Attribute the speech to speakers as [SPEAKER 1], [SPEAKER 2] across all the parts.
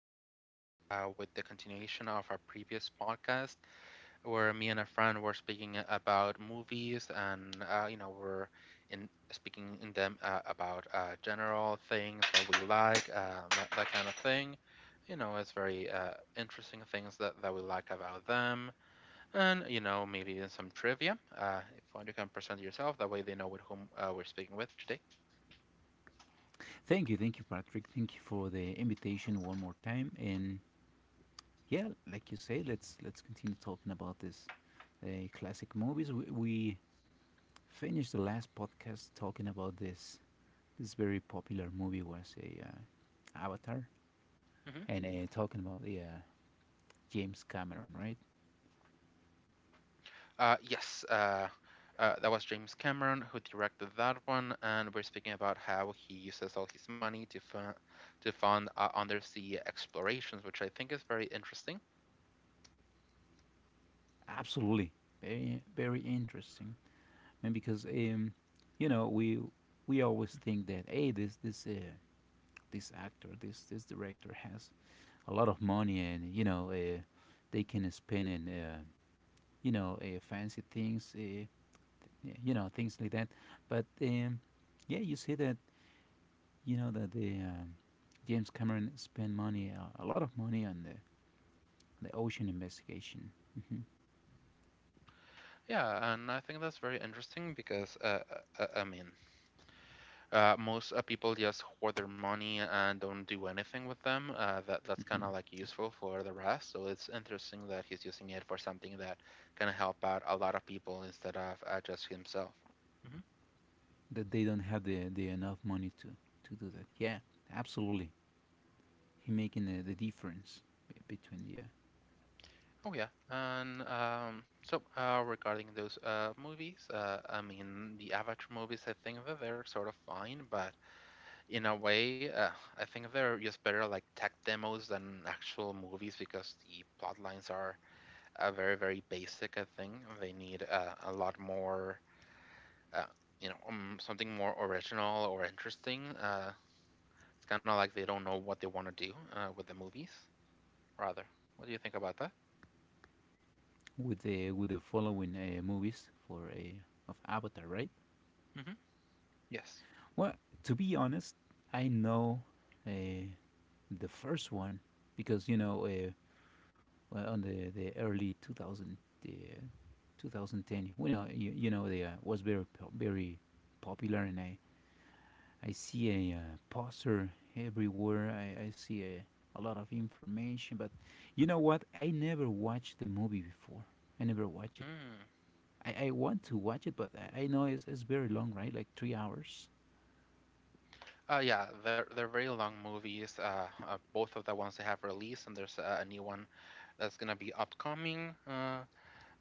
[SPEAKER 1] today with the continuation of our previous podcast, where me and a friend were speaking about movies, and we're in speaking in them about general things that we like, that kind of thing. You know, it's very interesting things that we like about them, and you know maybe even some trivia. If you can present yourself, that way they know with whom we're speaking with today.
[SPEAKER 2] Thank you, Patrick. Thank you for the invitation one more time. And yeah, like you say, let's continue talking about this classic movies. We finished the last podcast talking about this very popular movie was a Avatar,
[SPEAKER 1] Mm-hmm.
[SPEAKER 2] and talking about the James Cameron, right?
[SPEAKER 1] Yes, that was James Cameron who directed that one, and we're speaking about how he uses all his money to fund to fund undersea explorations, which I think is very interesting.
[SPEAKER 2] Absolutely, very very interesting. I mean, because you know we we always think that hey, this actor, this director has a lot of money, and they can spend in fancy things, things like that. But yeah, you see that that the James Cameron spent money, a lot of money on the ocean investigation. hmm
[SPEAKER 1] Yeah, and I think that's very interesting because uh, uh, I mean, most people just hoard their money and don't do anything with them. That's kind
[SPEAKER 2] hmm
[SPEAKER 1] of like useful for the rest. So it's interesting that he's using it for something that can help out a lot of people instead of just himself. Mhm.
[SPEAKER 2] that they don't have the enough money to, do that, yeah. Absolutely. He making the difference be- between the
[SPEAKER 1] Oh yeah, and regarding those movies, I mean the Avatar movies, I think that they're sort of fine, but in a way, I think they're just better like tech demos than actual movies because the plot lines are very very basic. I think they need a lot more, uh, something more original or interesting. It's kind of like they don't know what they want to do with the movies. Rather, what do you think about that?
[SPEAKER 2] with the with the following movies for a of Avatar, right?
[SPEAKER 1] Hmm. Yes.
[SPEAKER 2] Well, to be honest, I know uh, the first one because well, on the early 2000 uh, 2010 they was very very popular, and I see a poster everywhere. I see a lot of information, but you know what, I never watched the movie before. I never watched it.
[SPEAKER 1] Mm.
[SPEAKER 2] I want to watch it, but I know it's very long, right? Like 3 hours.
[SPEAKER 1] Yeah, they're very long movies. Both of the ones they have released, and there's a new one that's gonna be upcoming.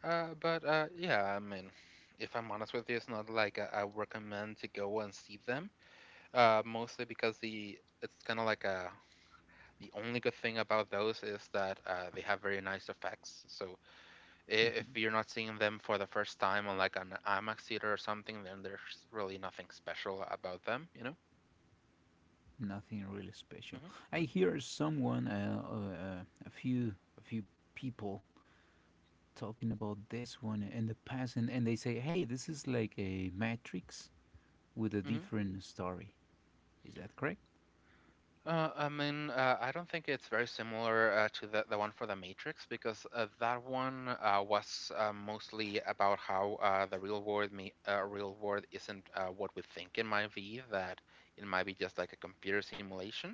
[SPEAKER 1] But yeah, I mean, if I'm honest with you, it's not like I recommend to go and see them. Mostly because the it's kind of like a the only good thing about those is that they have very nice effects. So i- if
[SPEAKER 2] hmm
[SPEAKER 1] you're not seeing them for the first time on like an IMAX theater or something, then there's really nothing special about them, you know?
[SPEAKER 2] Nothing really special.
[SPEAKER 1] Hmm.
[SPEAKER 2] I hear someone, a few people talking about this one in the past, and, they say, "Hey, this is like a Matrix with a
[SPEAKER 1] Hmm.
[SPEAKER 2] different story." Is that correct?
[SPEAKER 1] I mean, I don't think it's very similar to the one for The Matrix because that one was mostly about how the real world me real world isn't what we think in my view, that it might be just like a computer simulation.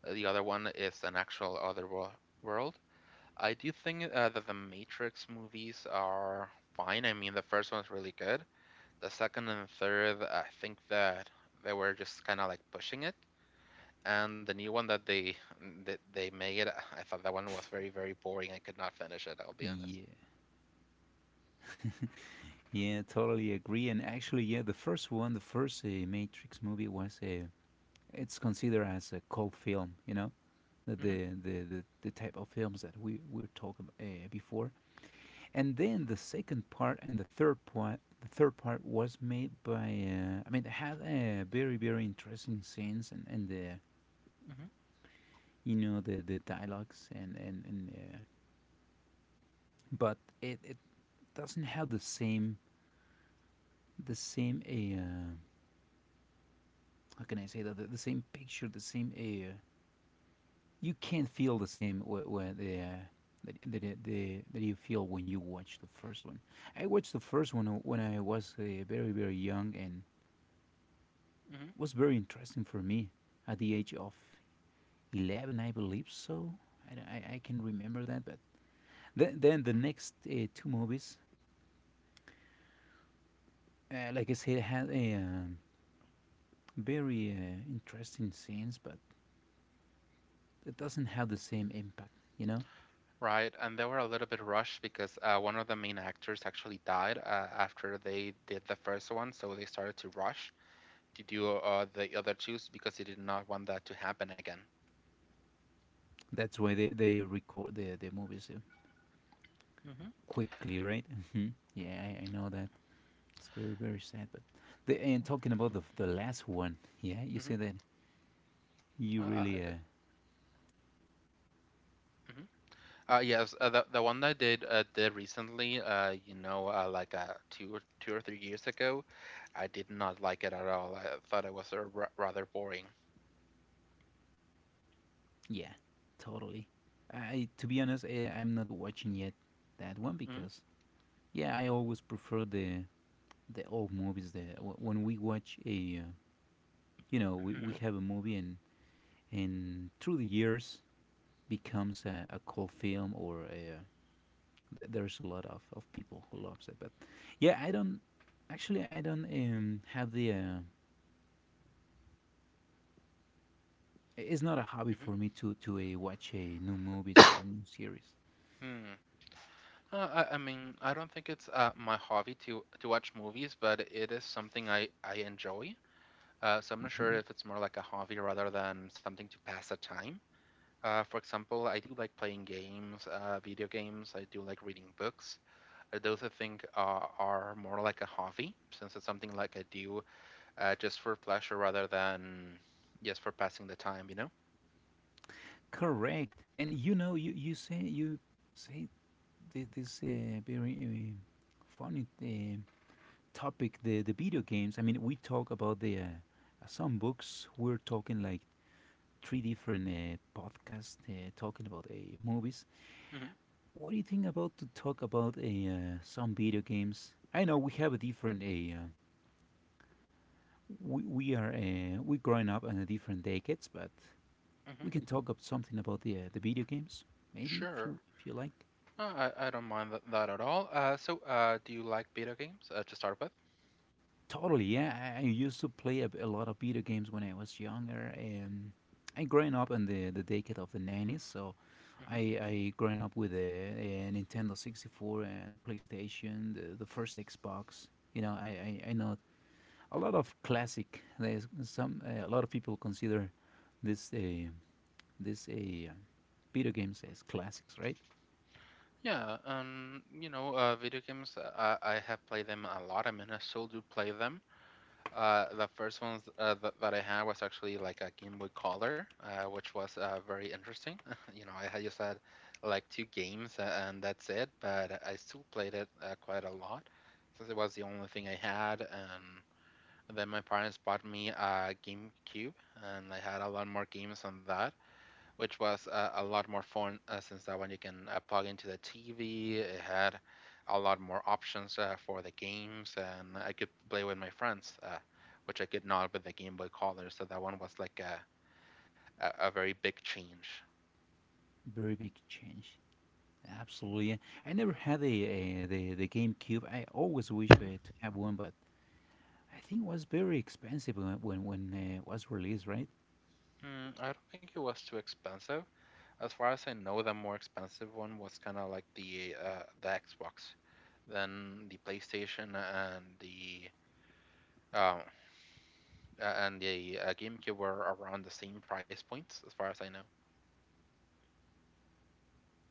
[SPEAKER 1] The other one is an actual world. I do think that the Matrix movies are fine. I mean, the first one's really good. The second and third, I think that they were just kind of like pushing it and the new one that they made, I thought that one was very very boring. I could not finish it. I'll be honest.
[SPEAKER 2] Yeah, yeah, totally agree. And actually, yeah, the first one, the first Matrix movie was a. It's considered as a cult film, the
[SPEAKER 1] Hmm.
[SPEAKER 2] the the, the, the type of films that we're talking before. And then the second part and the third part was made by. I mean, it had a very very interesting scenes, and the
[SPEAKER 1] Hmm.
[SPEAKER 2] the dialogues, and and. But it doesn't have the same, the same uh, how can I say that, the same picture, the same, you can't feel the same wh- wh- the, that, that, the, that you feel when you watch the first one. I watched the first one when I was very very young, and
[SPEAKER 1] Hmm.
[SPEAKER 2] was very interesting for me at the age of 11, I believe so. I, don't- I can remember that. But then the next two movies, like I said, had a very interesting scenes, but it doesn't have the same impact, you know?
[SPEAKER 1] Right, and they were a little bit rushed because one of the main actors actually died after they did the first one, so they started to rush to do the other two because they did not want that to happen again.
[SPEAKER 2] That's why they record the movies,
[SPEAKER 1] Mm hmm
[SPEAKER 2] quickly, right? Mhm. Yeah, I know that. It's very, very sad. But and talking about the last one, yeah, you
[SPEAKER 1] mm hmm
[SPEAKER 2] say that you
[SPEAKER 1] I
[SPEAKER 2] really
[SPEAKER 1] did. Mm-hmm. Yes, the the one that I did recently, like 2 or 2 or 3 years ago, I did not like it at all. I thought it was rather boring.
[SPEAKER 2] Yeah, totally. I, to be honest, I'm not watching yet that one because yeah, I always prefer the old movies. When we watch a, we
[SPEAKER 1] Mm-hmm.
[SPEAKER 2] have a movie, and through the years, becomes a cult film, or there's a lot of people who loves it. But yeah, I don't actually I don't have the, it's not a hobby for me to watch a new movies or new series.
[SPEAKER 1] Hmm. I mean, I don't think it's my hobby to watch movies, but it is something I enjoy. So I'm not sure
[SPEAKER 2] Mm-hmm.
[SPEAKER 1] if it's more like a hobby rather than something to pass the time. For example, I do like playing games, video games. I do like reading books. Those I think are more like a hobby, since it's something like I do just for pleasure rather than just for passing the time, you know?
[SPEAKER 2] Correct. And you say you say this very funny topic, the video games. I mean, we talk about the some books. We're talking like three different podcasts talking about movies.
[SPEAKER 1] Hmm.
[SPEAKER 2] What do you think about to talk about a some video games? I know we have a different a. We are we growing up in a different decades, but
[SPEAKER 1] Hmm.
[SPEAKER 2] we can talk up something about the video games, maybe if
[SPEAKER 1] Sure.
[SPEAKER 2] you if you like.
[SPEAKER 1] I don't mind that at all. So, do you like video games to start with?
[SPEAKER 2] Totally, yeah. I used to play a lot of video games when I was younger, and I growing up in the decade of the 90s. So,
[SPEAKER 1] Hmm.
[SPEAKER 2] I growing up with a Nintendo 64 and the PlayStation, the first Xbox. You know, I know a lot of classic. There's some a lot of people consider this uh, this video games as classics, right?
[SPEAKER 1] Yeah, video games, I have played them a lot. I mean, I still do play them. The first ones that I had was actually like a Game Boy Color, which was very interesting. You know, I had just had like two games and that's it, but I still played it quite a lot since it was the only thing I had. And then my parents bought me a GameCube, and I had a lot more games on that which was a lot more fun since that one you can plug into the TV. It had a lot more options for the games, and I could play with my friends, which I could not with the Game Boy Color. So that one was like a very big change.
[SPEAKER 2] Very big change. Absolutely. Yeah. I never had a the GameCube. I always wish to have one, but I think it was very expensive when it was released, right?
[SPEAKER 1] Mm, I don't think it was too expensive. As far as I know, the more expensive one was kind of like the Xbox, then the PlayStation um, and the a GameCube were around the same price points, as far as I know.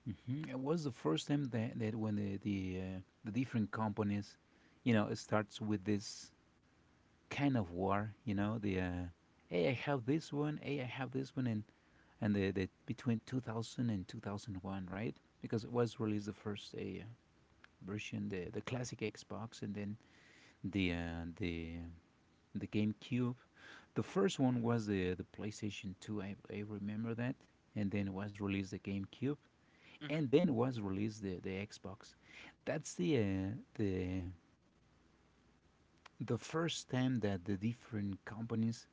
[SPEAKER 2] It was the first time that, when the different companies, it starts with this kind of war. You know, the Hey, I have this one, hey, I have this one, and the between 2000 and 2001, right? Because it was released the first version, the classic Xbox, and then the uh, the the GameCube. The first one was the PlayStation 2, I remember that. And then was released the GameCube.
[SPEAKER 1] Mm-hmm.
[SPEAKER 2] And then was released the Xbox. That's the, the first time that the different companies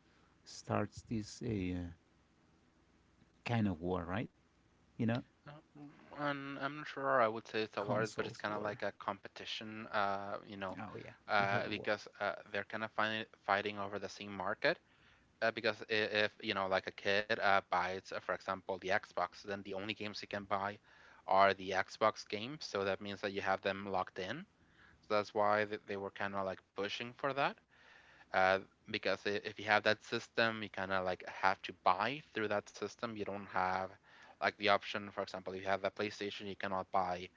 [SPEAKER 2] starts this kind of war, right? You know,
[SPEAKER 1] And I'm not sure. I would say it's a war, but it's
[SPEAKER 2] Consoles
[SPEAKER 1] kind of
[SPEAKER 2] war.
[SPEAKER 1] like a competition, you know,
[SPEAKER 2] Oh, yeah, you have the war.
[SPEAKER 1] because they're kind of fighting over the same market. Uh, because i- if you know, like a kid buys, for example, the Xbox, then the only games he can buy are the Xbox games. So that means that you have them locked in. So that's why they were kind of like pushing for that. uh, if you have that system, you kind of like have to buy through that system. You don't have like the option, for example, if you have the PlayStation, you cannot buy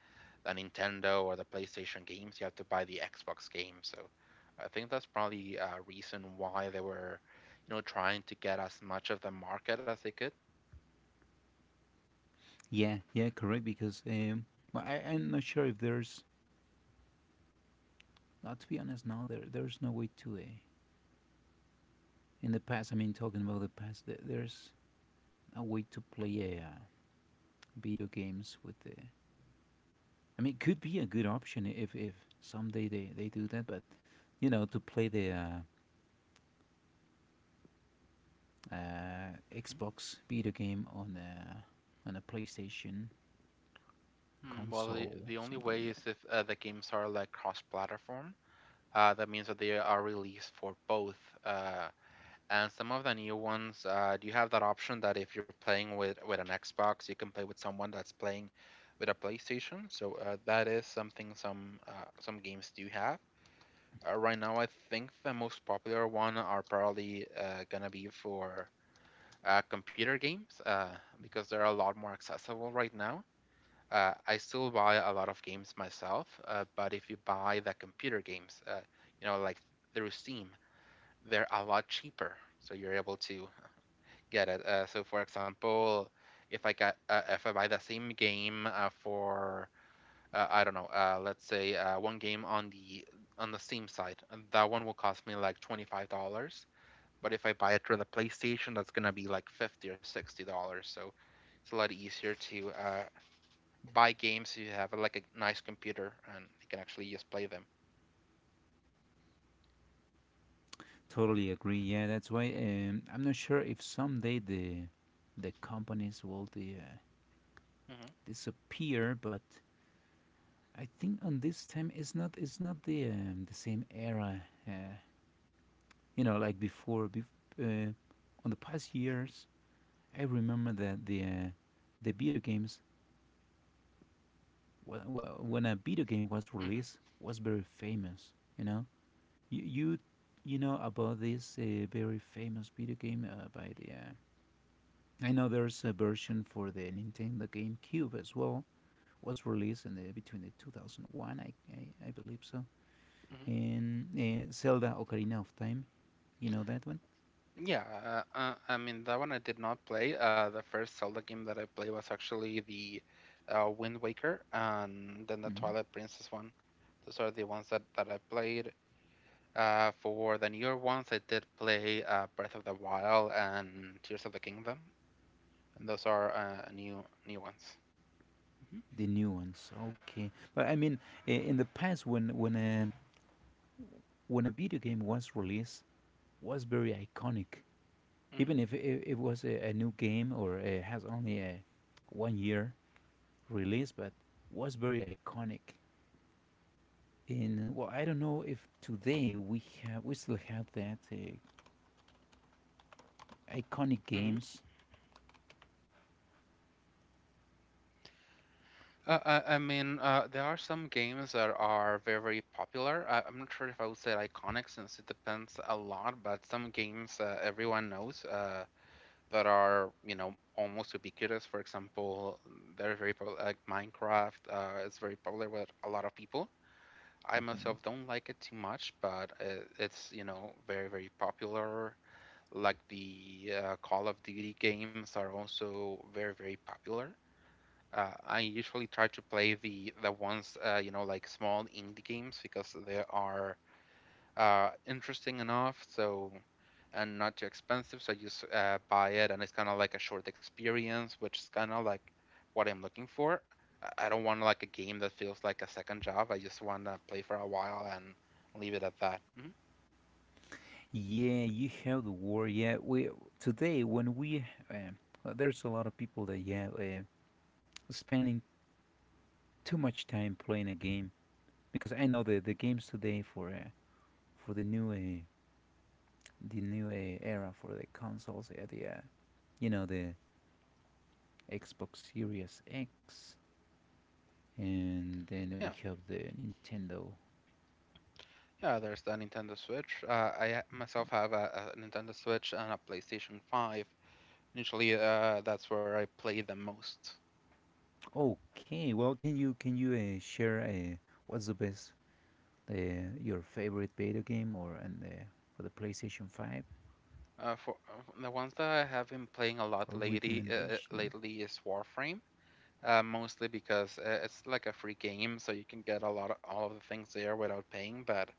[SPEAKER 1] the Nintendo or the PlayStation games. You have to buy the Xbox game. So I think that's probably a reason why they were, you know, trying to get as much of the market as they could.
[SPEAKER 2] Yeah, yeah, correct, because well, I'm not sure if there's, not to be honest, no, there's no way to, in the past, I mean, talking about the past, there's a way to play video games with the. I mean, it could be a good option if someday they do that. But to play the
[SPEAKER 1] Mhm.
[SPEAKER 2] Xbox video game on a PlayStation
[SPEAKER 1] Hmm. Well, the,
[SPEAKER 2] console,
[SPEAKER 1] the only
[SPEAKER 2] something
[SPEAKER 1] way
[SPEAKER 2] like
[SPEAKER 1] is
[SPEAKER 2] that.
[SPEAKER 1] if the games are like cross-platform. That means that they are released for both uh, and some of the new ones, do you have that option that if you're playing with an Xbox, you can play with someone that's playing with a PlayStation? So that is something some games do have. Right now, I think the most popular one are probably gonna be for computer games because they're a lot more accessible right now. I still buy a lot of games myself, but if you buy the computer games, you know, like through Steam, they're a lot cheaper. So you're able to get it. So, for example, if I buy the same game for I don't know, let's say one game on the Steam side, and that one will cost me like $25. But if I buy it through the PlayStation, that's gonna be like $50 or $60. So it's a lot easier to buy games if you have like a nice computer and you can actually just play them.
[SPEAKER 2] Totally agree. Yeah, that's why I'm not sure if someday the companies will the
[SPEAKER 1] Hmm.
[SPEAKER 2] disappear, but I think on this time it's not the same era, uh, like before, uh, on the past years, I remember that the video games when a video game was released was very famous. You you, you know about this very famous video game by the. I know there's a version for the Nintendo GameCube as well. Was released in the between the 2001, I believe so,
[SPEAKER 1] Hmm.
[SPEAKER 2] and Zelda Ocarina of Time. You know that one?
[SPEAKER 1] Yeah, I mean that one I did not play. The first Zelda game that I played was actually the Wind Waker and then the
[SPEAKER 2] hmm
[SPEAKER 1] Twilight Princess one. Those are the ones that, that I played. For the newer ones, I did play Breath of the Wild and Tears of the Kingdom, and those are new new ones. Hmm.
[SPEAKER 2] The new ones, okay. But I mean, in the past, when a video game was released, was very iconic. Even if it was a new game, or has only a 1 year release, but was very iconic. In Well, I don't know if today we still have that iconic
[SPEAKER 1] Hmm.
[SPEAKER 2] games.
[SPEAKER 1] Uh, I mean, there are some games that are very popular. I'm not sure if I would say iconic since it depends a lot, but some games everyone knows that are, you know, almost ubiquitous. For example, they're very popular, like Minecraft is very popular with a lot of people. I
[SPEAKER 2] hmm
[SPEAKER 1] myself don't like it too much, but it's, you know, very, very popular. Like the Call of Duty games are also very, very popular. I usually try to play the ones like small indie games because they are interesting enough, so and not too expensive. So I just buy it, and it's kind of like a short experience, which is kind of like what I'm looking for. I don't want like a game that feels like a second job. I just want to play for a while and leave it at that. Mhm.
[SPEAKER 2] yeah, you have the war. Yeah, we today when we well, there's a lot of people that yeah, spending too much time playing a game because I know the games today for the new era for the consoles, the the Xbox Series X, and then we
[SPEAKER 1] Yeah,
[SPEAKER 2] have the Nintendo.
[SPEAKER 1] yeah. There's the Nintendo Switch. Myself have a Nintendo Switch and a PlayStation 5. Usually, that's where I play the most.
[SPEAKER 2] Okay, well, can you share what's the best, uh, your favorite video game, or and for the PlayStation 5,
[SPEAKER 1] For the ones that I have been playing a lot
[SPEAKER 2] or
[SPEAKER 1] lately, uh, uh,
[SPEAKER 2] recommendation?
[SPEAKER 1] lately is Warframe. Mostly because it's like a free game, so you can get a lot of all of the things there without paying. But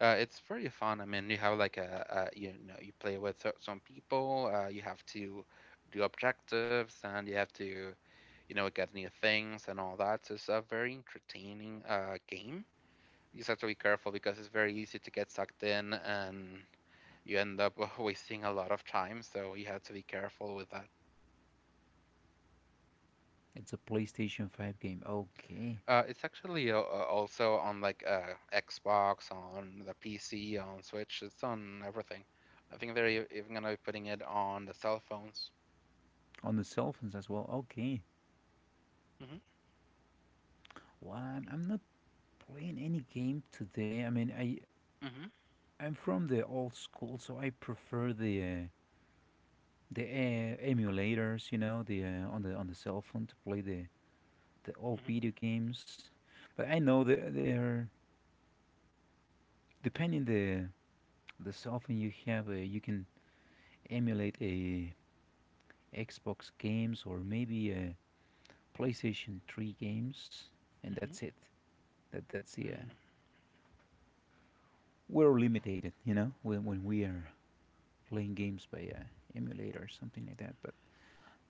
[SPEAKER 1] it's very fun. I mean, you have like a you know you play with some people. You have to do objectives, and you have to get new things and all that. So it's a very entertaining game. You just have to be careful because it's very easy to get sucked in and you end up wasting a lot of time. So you have to be careful with that.
[SPEAKER 2] It's a PlayStation 5 game. Okay,
[SPEAKER 1] It's actually also on like Xbox, on the PC, on Switch. It's on everything. I think they're even gonna be putting it on the cell phones.
[SPEAKER 2] on the cell phones as well. Okay.
[SPEAKER 1] Mhm.
[SPEAKER 2] Well, I'm not playing any game today? I mean, I
[SPEAKER 1] Mhm.
[SPEAKER 2] I'm from the old school, so I prefer the emulators, the on the cell phone to play the old
[SPEAKER 1] Mhm.
[SPEAKER 2] video games. But I know that they're depending the cell phone you have, you can emulate a Xbox games, or maybe a PlayStation 3 games, and
[SPEAKER 1] Mhm.
[SPEAKER 2] that's it. That's the,
[SPEAKER 1] Mm.
[SPEAKER 2] we're limited, when we are playing games by emulator or something like that. But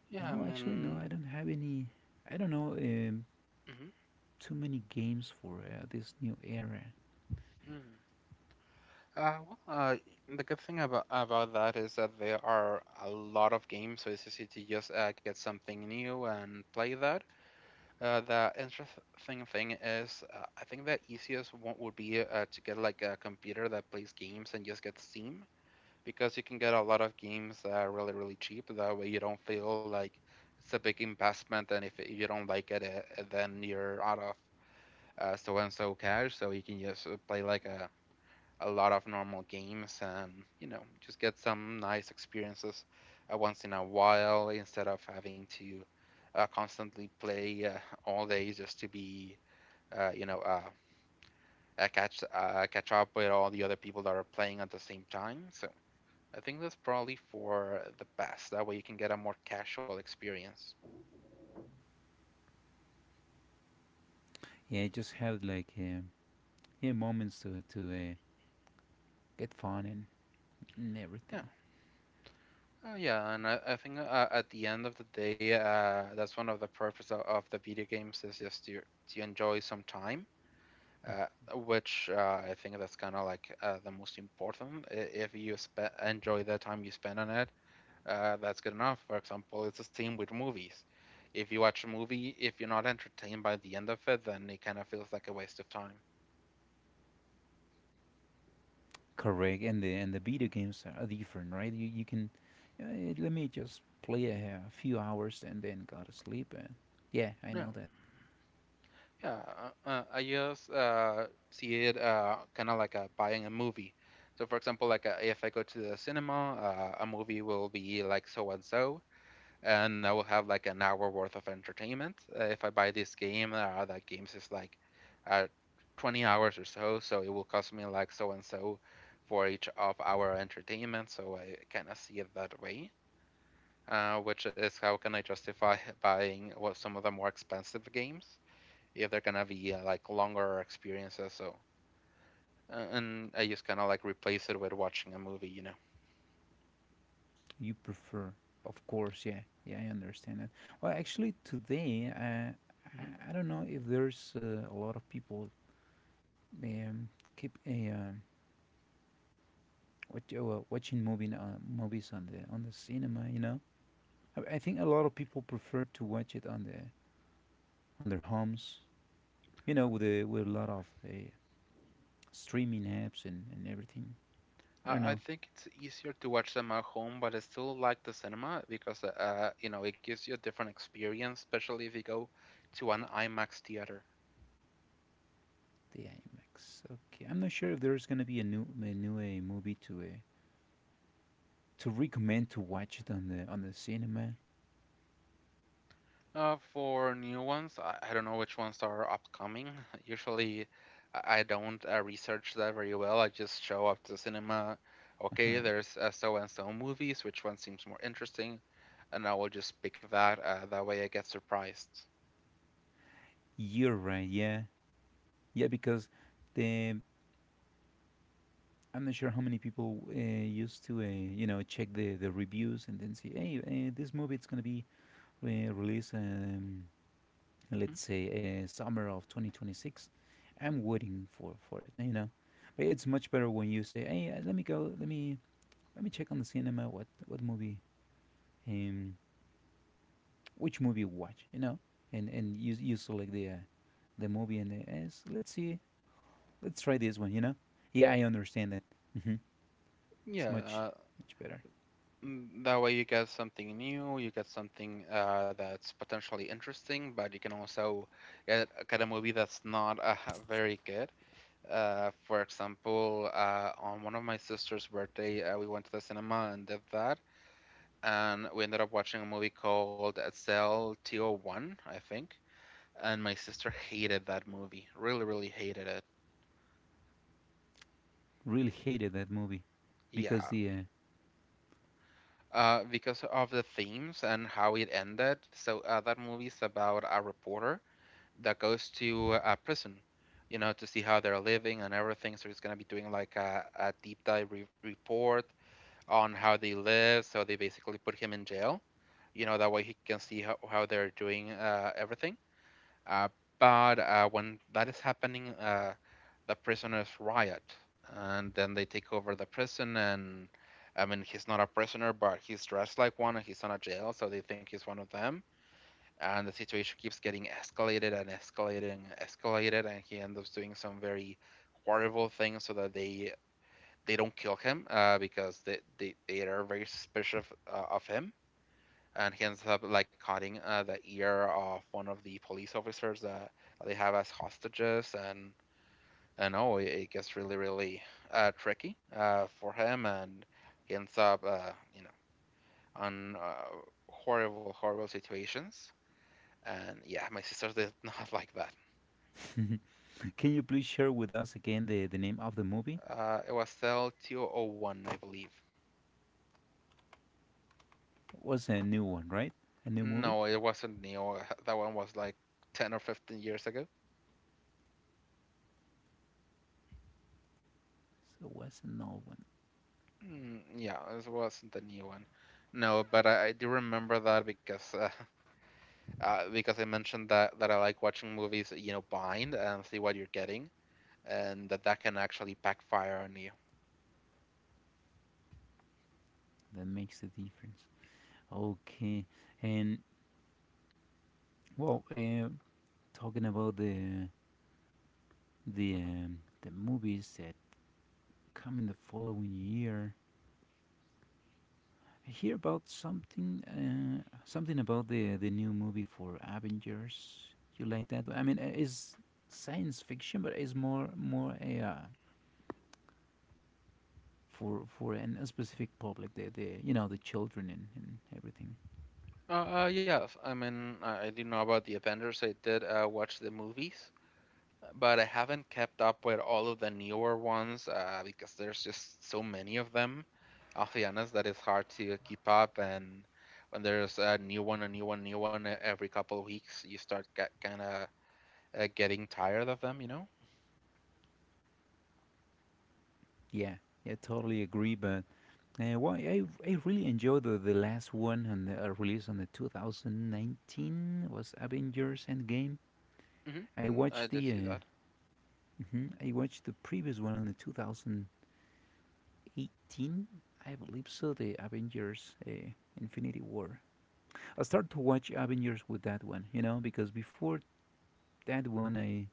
[SPEAKER 1] Yeah, I
[SPEAKER 2] no, actually,
[SPEAKER 1] mean.
[SPEAKER 2] no. I don't have any. I don't know
[SPEAKER 1] Mhm.
[SPEAKER 2] too many games for this new era.
[SPEAKER 1] Mm. Well, the good thing about that is that there are a lot of games, so it's easy to just get something new and play that. The interesting thing is, I think the easiest one would be to get like a computer that plays games and just get Steam, because you can get a lot of games really, really cheap. That way, you don't feel like it's a big investment, and if you don't like it, then you're out of so and so cash. So you can just play like a lot of normal games and just get some nice experiences once in a while, instead of having to constantly play all day just to be uh, you know uh, catch up with all the other people that are playing at the same time. So I think that's probably for the best. That way you can get a more casual experience.
[SPEAKER 2] Yeah, I just have like, yeah, moments to get fun, and,
[SPEAKER 1] Yeah.
[SPEAKER 2] everything.
[SPEAKER 1] Oh yeah, and I think at the end of the day, that's one of the purpose of the video games, is just to enjoy some time, uh, which I think that's kind of like the most important. If you enjoy the time you spend on it, that's good enough. For example, it's the same with movies. If you watch a movie, if you're not entertained by the end of it, then it kind of feels like a waste of time.
[SPEAKER 2] Correct. And the video games are different, right? You can, let me just play a few hours and then go to sleep. And yeah, I
[SPEAKER 1] Yeah,
[SPEAKER 2] know that
[SPEAKER 1] yeah. I just see it kind of like buying a movie. So, for example, like if I go to the cinema, a movie will be like so and so, and I will have like an hour worth of entertainment. If I buy this game, that game's is like uh, 20 hours or so, so it will cost me like so and so for each of our entertainment. So I kind of see it that way, which is how can I justify buying what some of the more expensive games if they're gonna be like longer experiences. So and I just kind of like replace it with watching a movie, you know.
[SPEAKER 2] you prefer. Of course, yeah, yeah, I understand that. Well, actually, today,
[SPEAKER 1] Mhm.
[SPEAKER 2] I don't know if there's, a lot of people um, keep a, watch, watching movie movies on the cinema. I think a lot of people prefer to watch it on their homes. With a lot of streaming apps, and, everything. I don't
[SPEAKER 1] I
[SPEAKER 2] know
[SPEAKER 1] think it's easier to watch them at home, but I still like the cinema because, you know, it gives you a different experience, especially if you go to an IMAX theater.
[SPEAKER 2] the IMAX. Okay, I'm not sure if there's gonna be a new movie to recommend to watch it on the cinema.
[SPEAKER 1] For new ones, I don't know which ones are upcoming. Usually, I don't research that very well. I just show up to cinema. Okay,
[SPEAKER 2] Uh-huh.
[SPEAKER 1] there's so and so movies. Which one seems more interesting? And I will just pick that. That way, I get surprised.
[SPEAKER 2] You're right. Yeah, yeah, because the I'm not sure how many people used to, you know, check the reviews and then say, hey, this movie it's going to be released,
[SPEAKER 1] Mhm.
[SPEAKER 2] let's say, summer of 2026. I'm waiting for it, you know. But it's much better when you say, hey, let me go, let me check on the cinema what movie, um, which movie watch, you know, and you select the movie and the, yes, let's see, let's try this one, you know. Yeah, I understand that. Hmm It's
[SPEAKER 1] Yeah.
[SPEAKER 2] much better.
[SPEAKER 1] Mm, that way you get something new, you get something that's potentially interesting, but you can also get a movie that's not very good. For example, on one of my sister's birthday, we went to the cinema and did that, and we ended up watching a movie called Cell 201, I think. And my sister hated that movie, really, really hated it.
[SPEAKER 2] Really hated that movie because
[SPEAKER 1] Yeah,
[SPEAKER 2] the.
[SPEAKER 1] because of the themes and how it ended. So that movie's about a reporter that goes to a prison, you know, to see how they're living and everything. So he's gonna be doing like a deep dive report on how they live. So they basically put him in jail, you know, that way he can see how they're doing everything. Uh, but when that is happening, the prisoners riot, and then they take over the prison. And I mean, he's not a prisoner, but he's dressed like one, and he's in a jail, so they think he's one of them, and the situation keeps getting escalated and escalated and escalated, and he ends up doing some very horrible things so that they don't kill him, because they are very suspicious of him. And he ends up like cutting the ear of one of the police officers that they have as hostages. And oh it, it gets really really tricky for him, and he ends up you know on horrible horrible situations. And yeah, my sisters did not like that.
[SPEAKER 2] Uh, can you please share with us again the name of the movie?
[SPEAKER 1] It was L201, I believe.
[SPEAKER 2] It was a new one, right? A new movie?
[SPEAKER 1] No, it wasn't Neo. That one was like 10 or 15 years ago.
[SPEAKER 2] So it was an old one.
[SPEAKER 1] Mm, yeah, it wasn't the new one. No, but I do remember that because because I mentioned that I like watching movies, you know, blind and see what you're getting, and that that can actually backfire on you.
[SPEAKER 2] That makes the difference. Okay. And, well, talking about
[SPEAKER 1] Mm-hmm.
[SPEAKER 2] the movies that come in the following year, I hear about something something about the new movie for Avengers. You like that one? I mean, it's science fiction, but it's more a for a specific public, the you know, the children, and everything.
[SPEAKER 1] Yes, I mean, I do know about the Avengers. I did watch the movies, but I haven't kept up with all of the newer ones because there's just so many of them. I'll be honest, that it's hard to keep up. And when there's a new one every couple of weeks, you start kind of getting tired of them, you know?
[SPEAKER 2] Yeah, yeah, totally agree. But well, I really enjoyed the last one and the release on the 2019 was Avengers Endgame. I
[SPEAKER 1] Mm-hmm. I
[SPEAKER 2] watched
[SPEAKER 1] did
[SPEAKER 2] the
[SPEAKER 1] see that.
[SPEAKER 2] mhm, I watched the previous one on the 2018, I believe so. The Avengers Infinity War. I started to watch Avengers with that one, you know, because before that one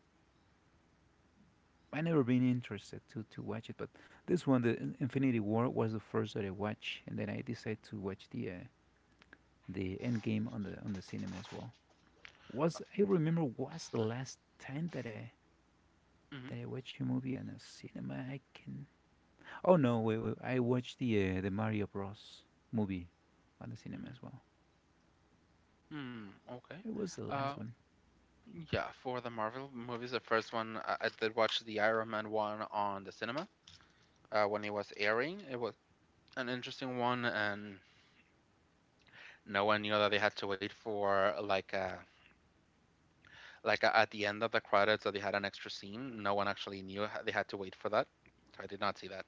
[SPEAKER 2] I never been interested to watch it, but this one, the Infinity War, was the first that I watched, and then I decided to watch the Endgame on the cinema as well. Was I remember was the last time
[SPEAKER 1] Mm-hmm.
[SPEAKER 2] that I watched a movie on a cinema? I can. Oh no, wait, wait, I watched the Mario Bros movie on the cinema as well.
[SPEAKER 1] Hmm. Okay.
[SPEAKER 2] It was the
[SPEAKER 1] Uh,
[SPEAKER 2] last one,
[SPEAKER 1] yeah. For the Marvel movies, the first one I did watch the Iron Man one on the cinema when it was airing. It was an interesting one, and no one knew that they had to wait for like a, at the end of the credits, that they had an extra scene. No one actually knew they had to wait for that. So I did not see that.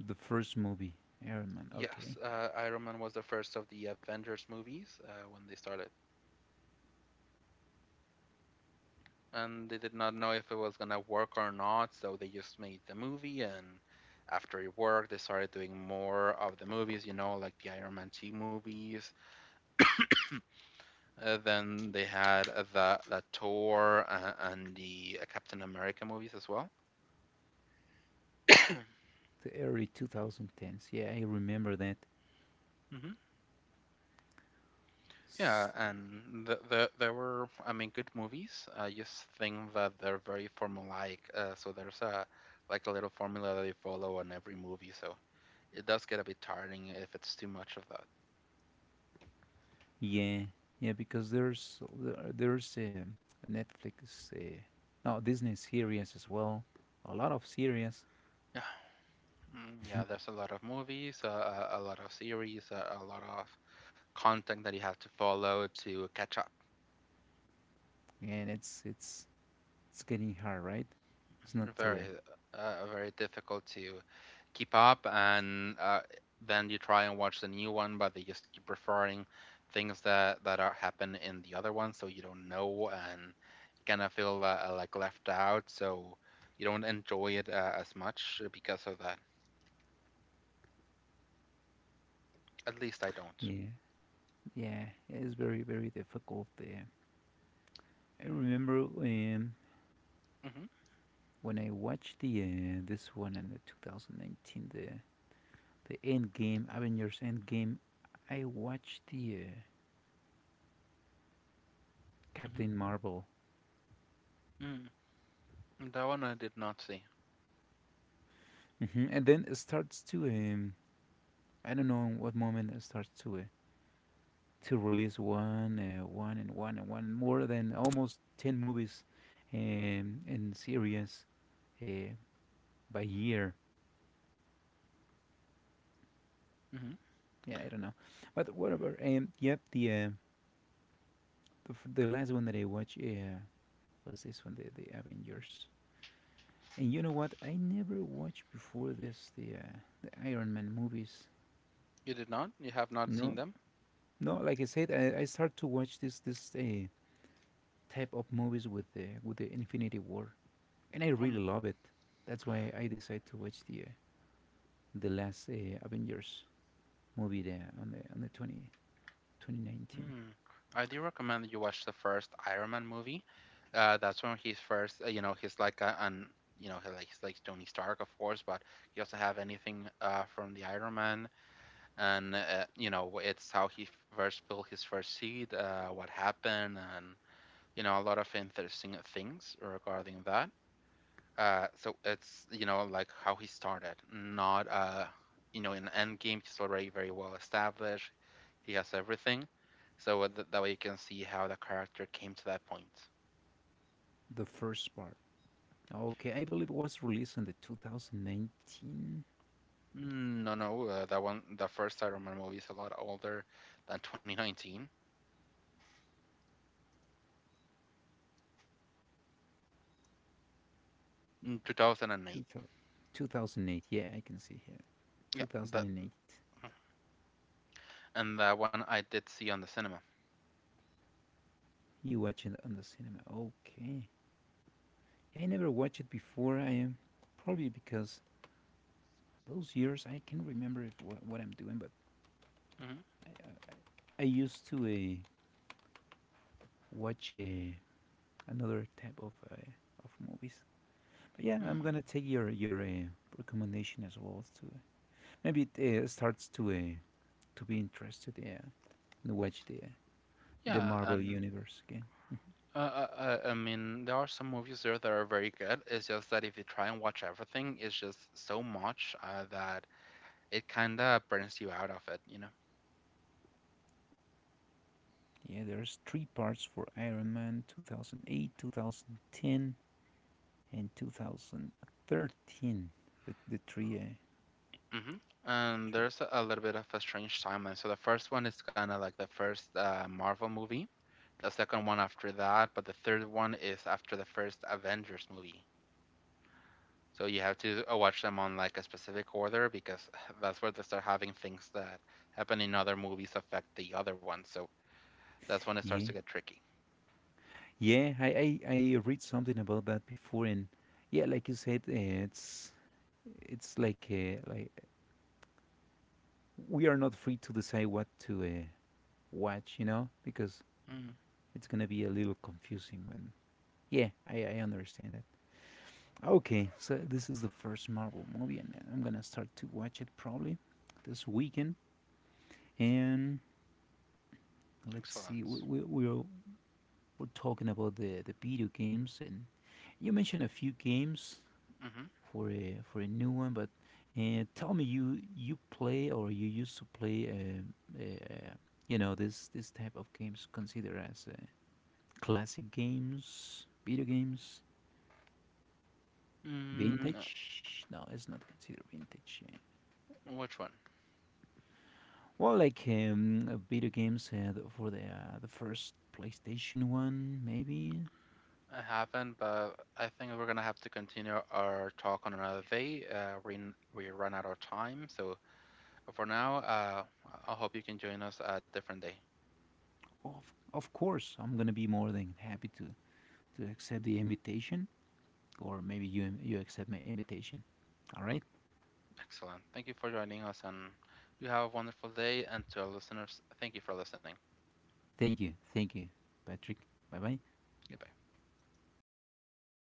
[SPEAKER 2] the first movie, Iron Man.
[SPEAKER 1] Yes,
[SPEAKER 2] Okay,
[SPEAKER 1] Iron Man was the first of the Avengers movies when they started, and they did not know if it was gonna work or not. So they just made the movie, and after it worked, they started doing more of the movies. You know, like the Iron Man two movies. Then they had the Thor and the Captain America movies as well.
[SPEAKER 2] the early 2010s. Yeah, I remember that.
[SPEAKER 1] Mm-hmm. Yeah, and the there were I mean good movies. I just think that they're very formulaic. So there's a like a little formula that they follow on every movie. So it does get a bit tiring if it's too much of that.
[SPEAKER 2] Yeah, yeah, because there's Netflix, no, Disney series as well, a lot of series,
[SPEAKER 1] Yeah, mm, yeah. There's a lot of movies, a lot of series, a lot of content that you have to follow to catch up.
[SPEAKER 2] and it's getting hard, right? It's not too,
[SPEAKER 1] Very, very difficult to keep up, and then you try and watch the new one, but they just keep referring things that are happen in the other one, so you don't know, and you kind of feel like left out, so you don't enjoy it as much because of that. At least I don't.
[SPEAKER 2] yeah, yeah, it's very difficult. I remember
[SPEAKER 1] Hmm.
[SPEAKER 2] when I watched the this one in the 2019, the End Game, Avengers End Game, I watched the
[SPEAKER 1] Hmm.
[SPEAKER 2] Captain Marvel,
[SPEAKER 1] Mm. That one I did not see.
[SPEAKER 2] hmm and then it starts to I don't know what moment I start to release one, and one, and one, more than almost ten movies, and series, uh, by year.
[SPEAKER 1] Hmm.
[SPEAKER 2] Yeah, I don't know, but whatever. Yep, the the last one that I watched was this one, the Avengers. And you know what? I never watched before this the Iron Man movies.
[SPEAKER 1] You did not? You have not seen
[SPEAKER 2] No,
[SPEAKER 1] them?
[SPEAKER 2] no. Like I said, I start to watch this type of movies with the Infinity War. And I
[SPEAKER 1] Um.
[SPEAKER 2] really love it. That's why I decided to watch the last Avengers movie there on the twenty twenty nineteen.
[SPEAKER 1] Hmm. I do recommend that you watch the first Iron Man movie. That's when he's first, you know, he's like a, an, you know, he's like Tony Stark, of course, but he also have anything from the Iron Man, and you know, it's how he first built his first seed, what happened, and you know, a lot of interesting things regarding that. So it's you know like how he started, not you know in Endgame he's already very well established. He has everything, so that way you can see how the character came to that point.
[SPEAKER 2] The first part. Okay, I believe it was released in the 2019.
[SPEAKER 1] Mm, no, no, that one, the first Iron Man movie is a lot older than 2019. Mm, 2008.
[SPEAKER 2] Yeah, I can see here
[SPEAKER 1] Yeah, that
[SPEAKER 2] 2008.
[SPEAKER 1] and that one I did see on the cinema.
[SPEAKER 2] You watch it on the cinema. Okay. Yeah, I never watched it before. I am probably because those years I can remember it, what I'm doing, but
[SPEAKER 1] Hmm.
[SPEAKER 2] I used to watch another type of movies. But yeah, I'm gonna take your recommendation as well to maybe it starts to be interested, and watch the
[SPEAKER 1] Yeah,
[SPEAKER 2] Marvel
[SPEAKER 1] and
[SPEAKER 2] universe again.
[SPEAKER 1] I mean, there are some movies there that are very good. It's just that if you try and watch everything, it's just so much that it kind of burns you out of it, you know?
[SPEAKER 2] Yeah, there's three parts for Iron Man 2008, 2010, and 2013. The three.
[SPEAKER 1] Hmm. And there's a little bit of a strange timeline. So the first one is kind of like the first Marvel movie, the second one after that, but the third one is after the first Avengers movie. So you have to watch them on like a specific order because that's where they start having things that happen in other movies affect the other ones. So that's when it starts
[SPEAKER 2] Yeah,
[SPEAKER 1] to get tricky.
[SPEAKER 2] yeah. I read something about that before, and yeah, like you said, it's like we are not free to decide what to watch, you know, because it's gonna be a little confusing when. Yeah, I understand that. Okay, so this is the first Marvel movie, and I'm gonna start to watch it probably this weekend. And let's see,
[SPEAKER 1] Excellent.
[SPEAKER 2] we're, we're talking about the video games, and you mentioned a few games
[SPEAKER 1] Mm-hmm.
[SPEAKER 2] for a new one, but tell me, you play or you used to play, you know, this type of games considered as classic games, video games?
[SPEAKER 1] Mm,
[SPEAKER 2] Vintage? No, it's not considered vintage. Yeah.
[SPEAKER 1] which one?
[SPEAKER 2] Well, like video games the- for the the first PlayStation One, maybe.
[SPEAKER 1] I haven't, but I think we're gonna have to continue our talk on another day. We run out of time, so for now, I hope you can join us a different day.
[SPEAKER 2] Of course, I'm gonna be more than happy to accept the invitation, or maybe you accept my invitation. All right.
[SPEAKER 1] Excellent. Thank you for joining us, and you have a wonderful day. And to our listeners, thank you for listening.
[SPEAKER 2] Thank you, Patrick. Bye bye.
[SPEAKER 1] Goodbye.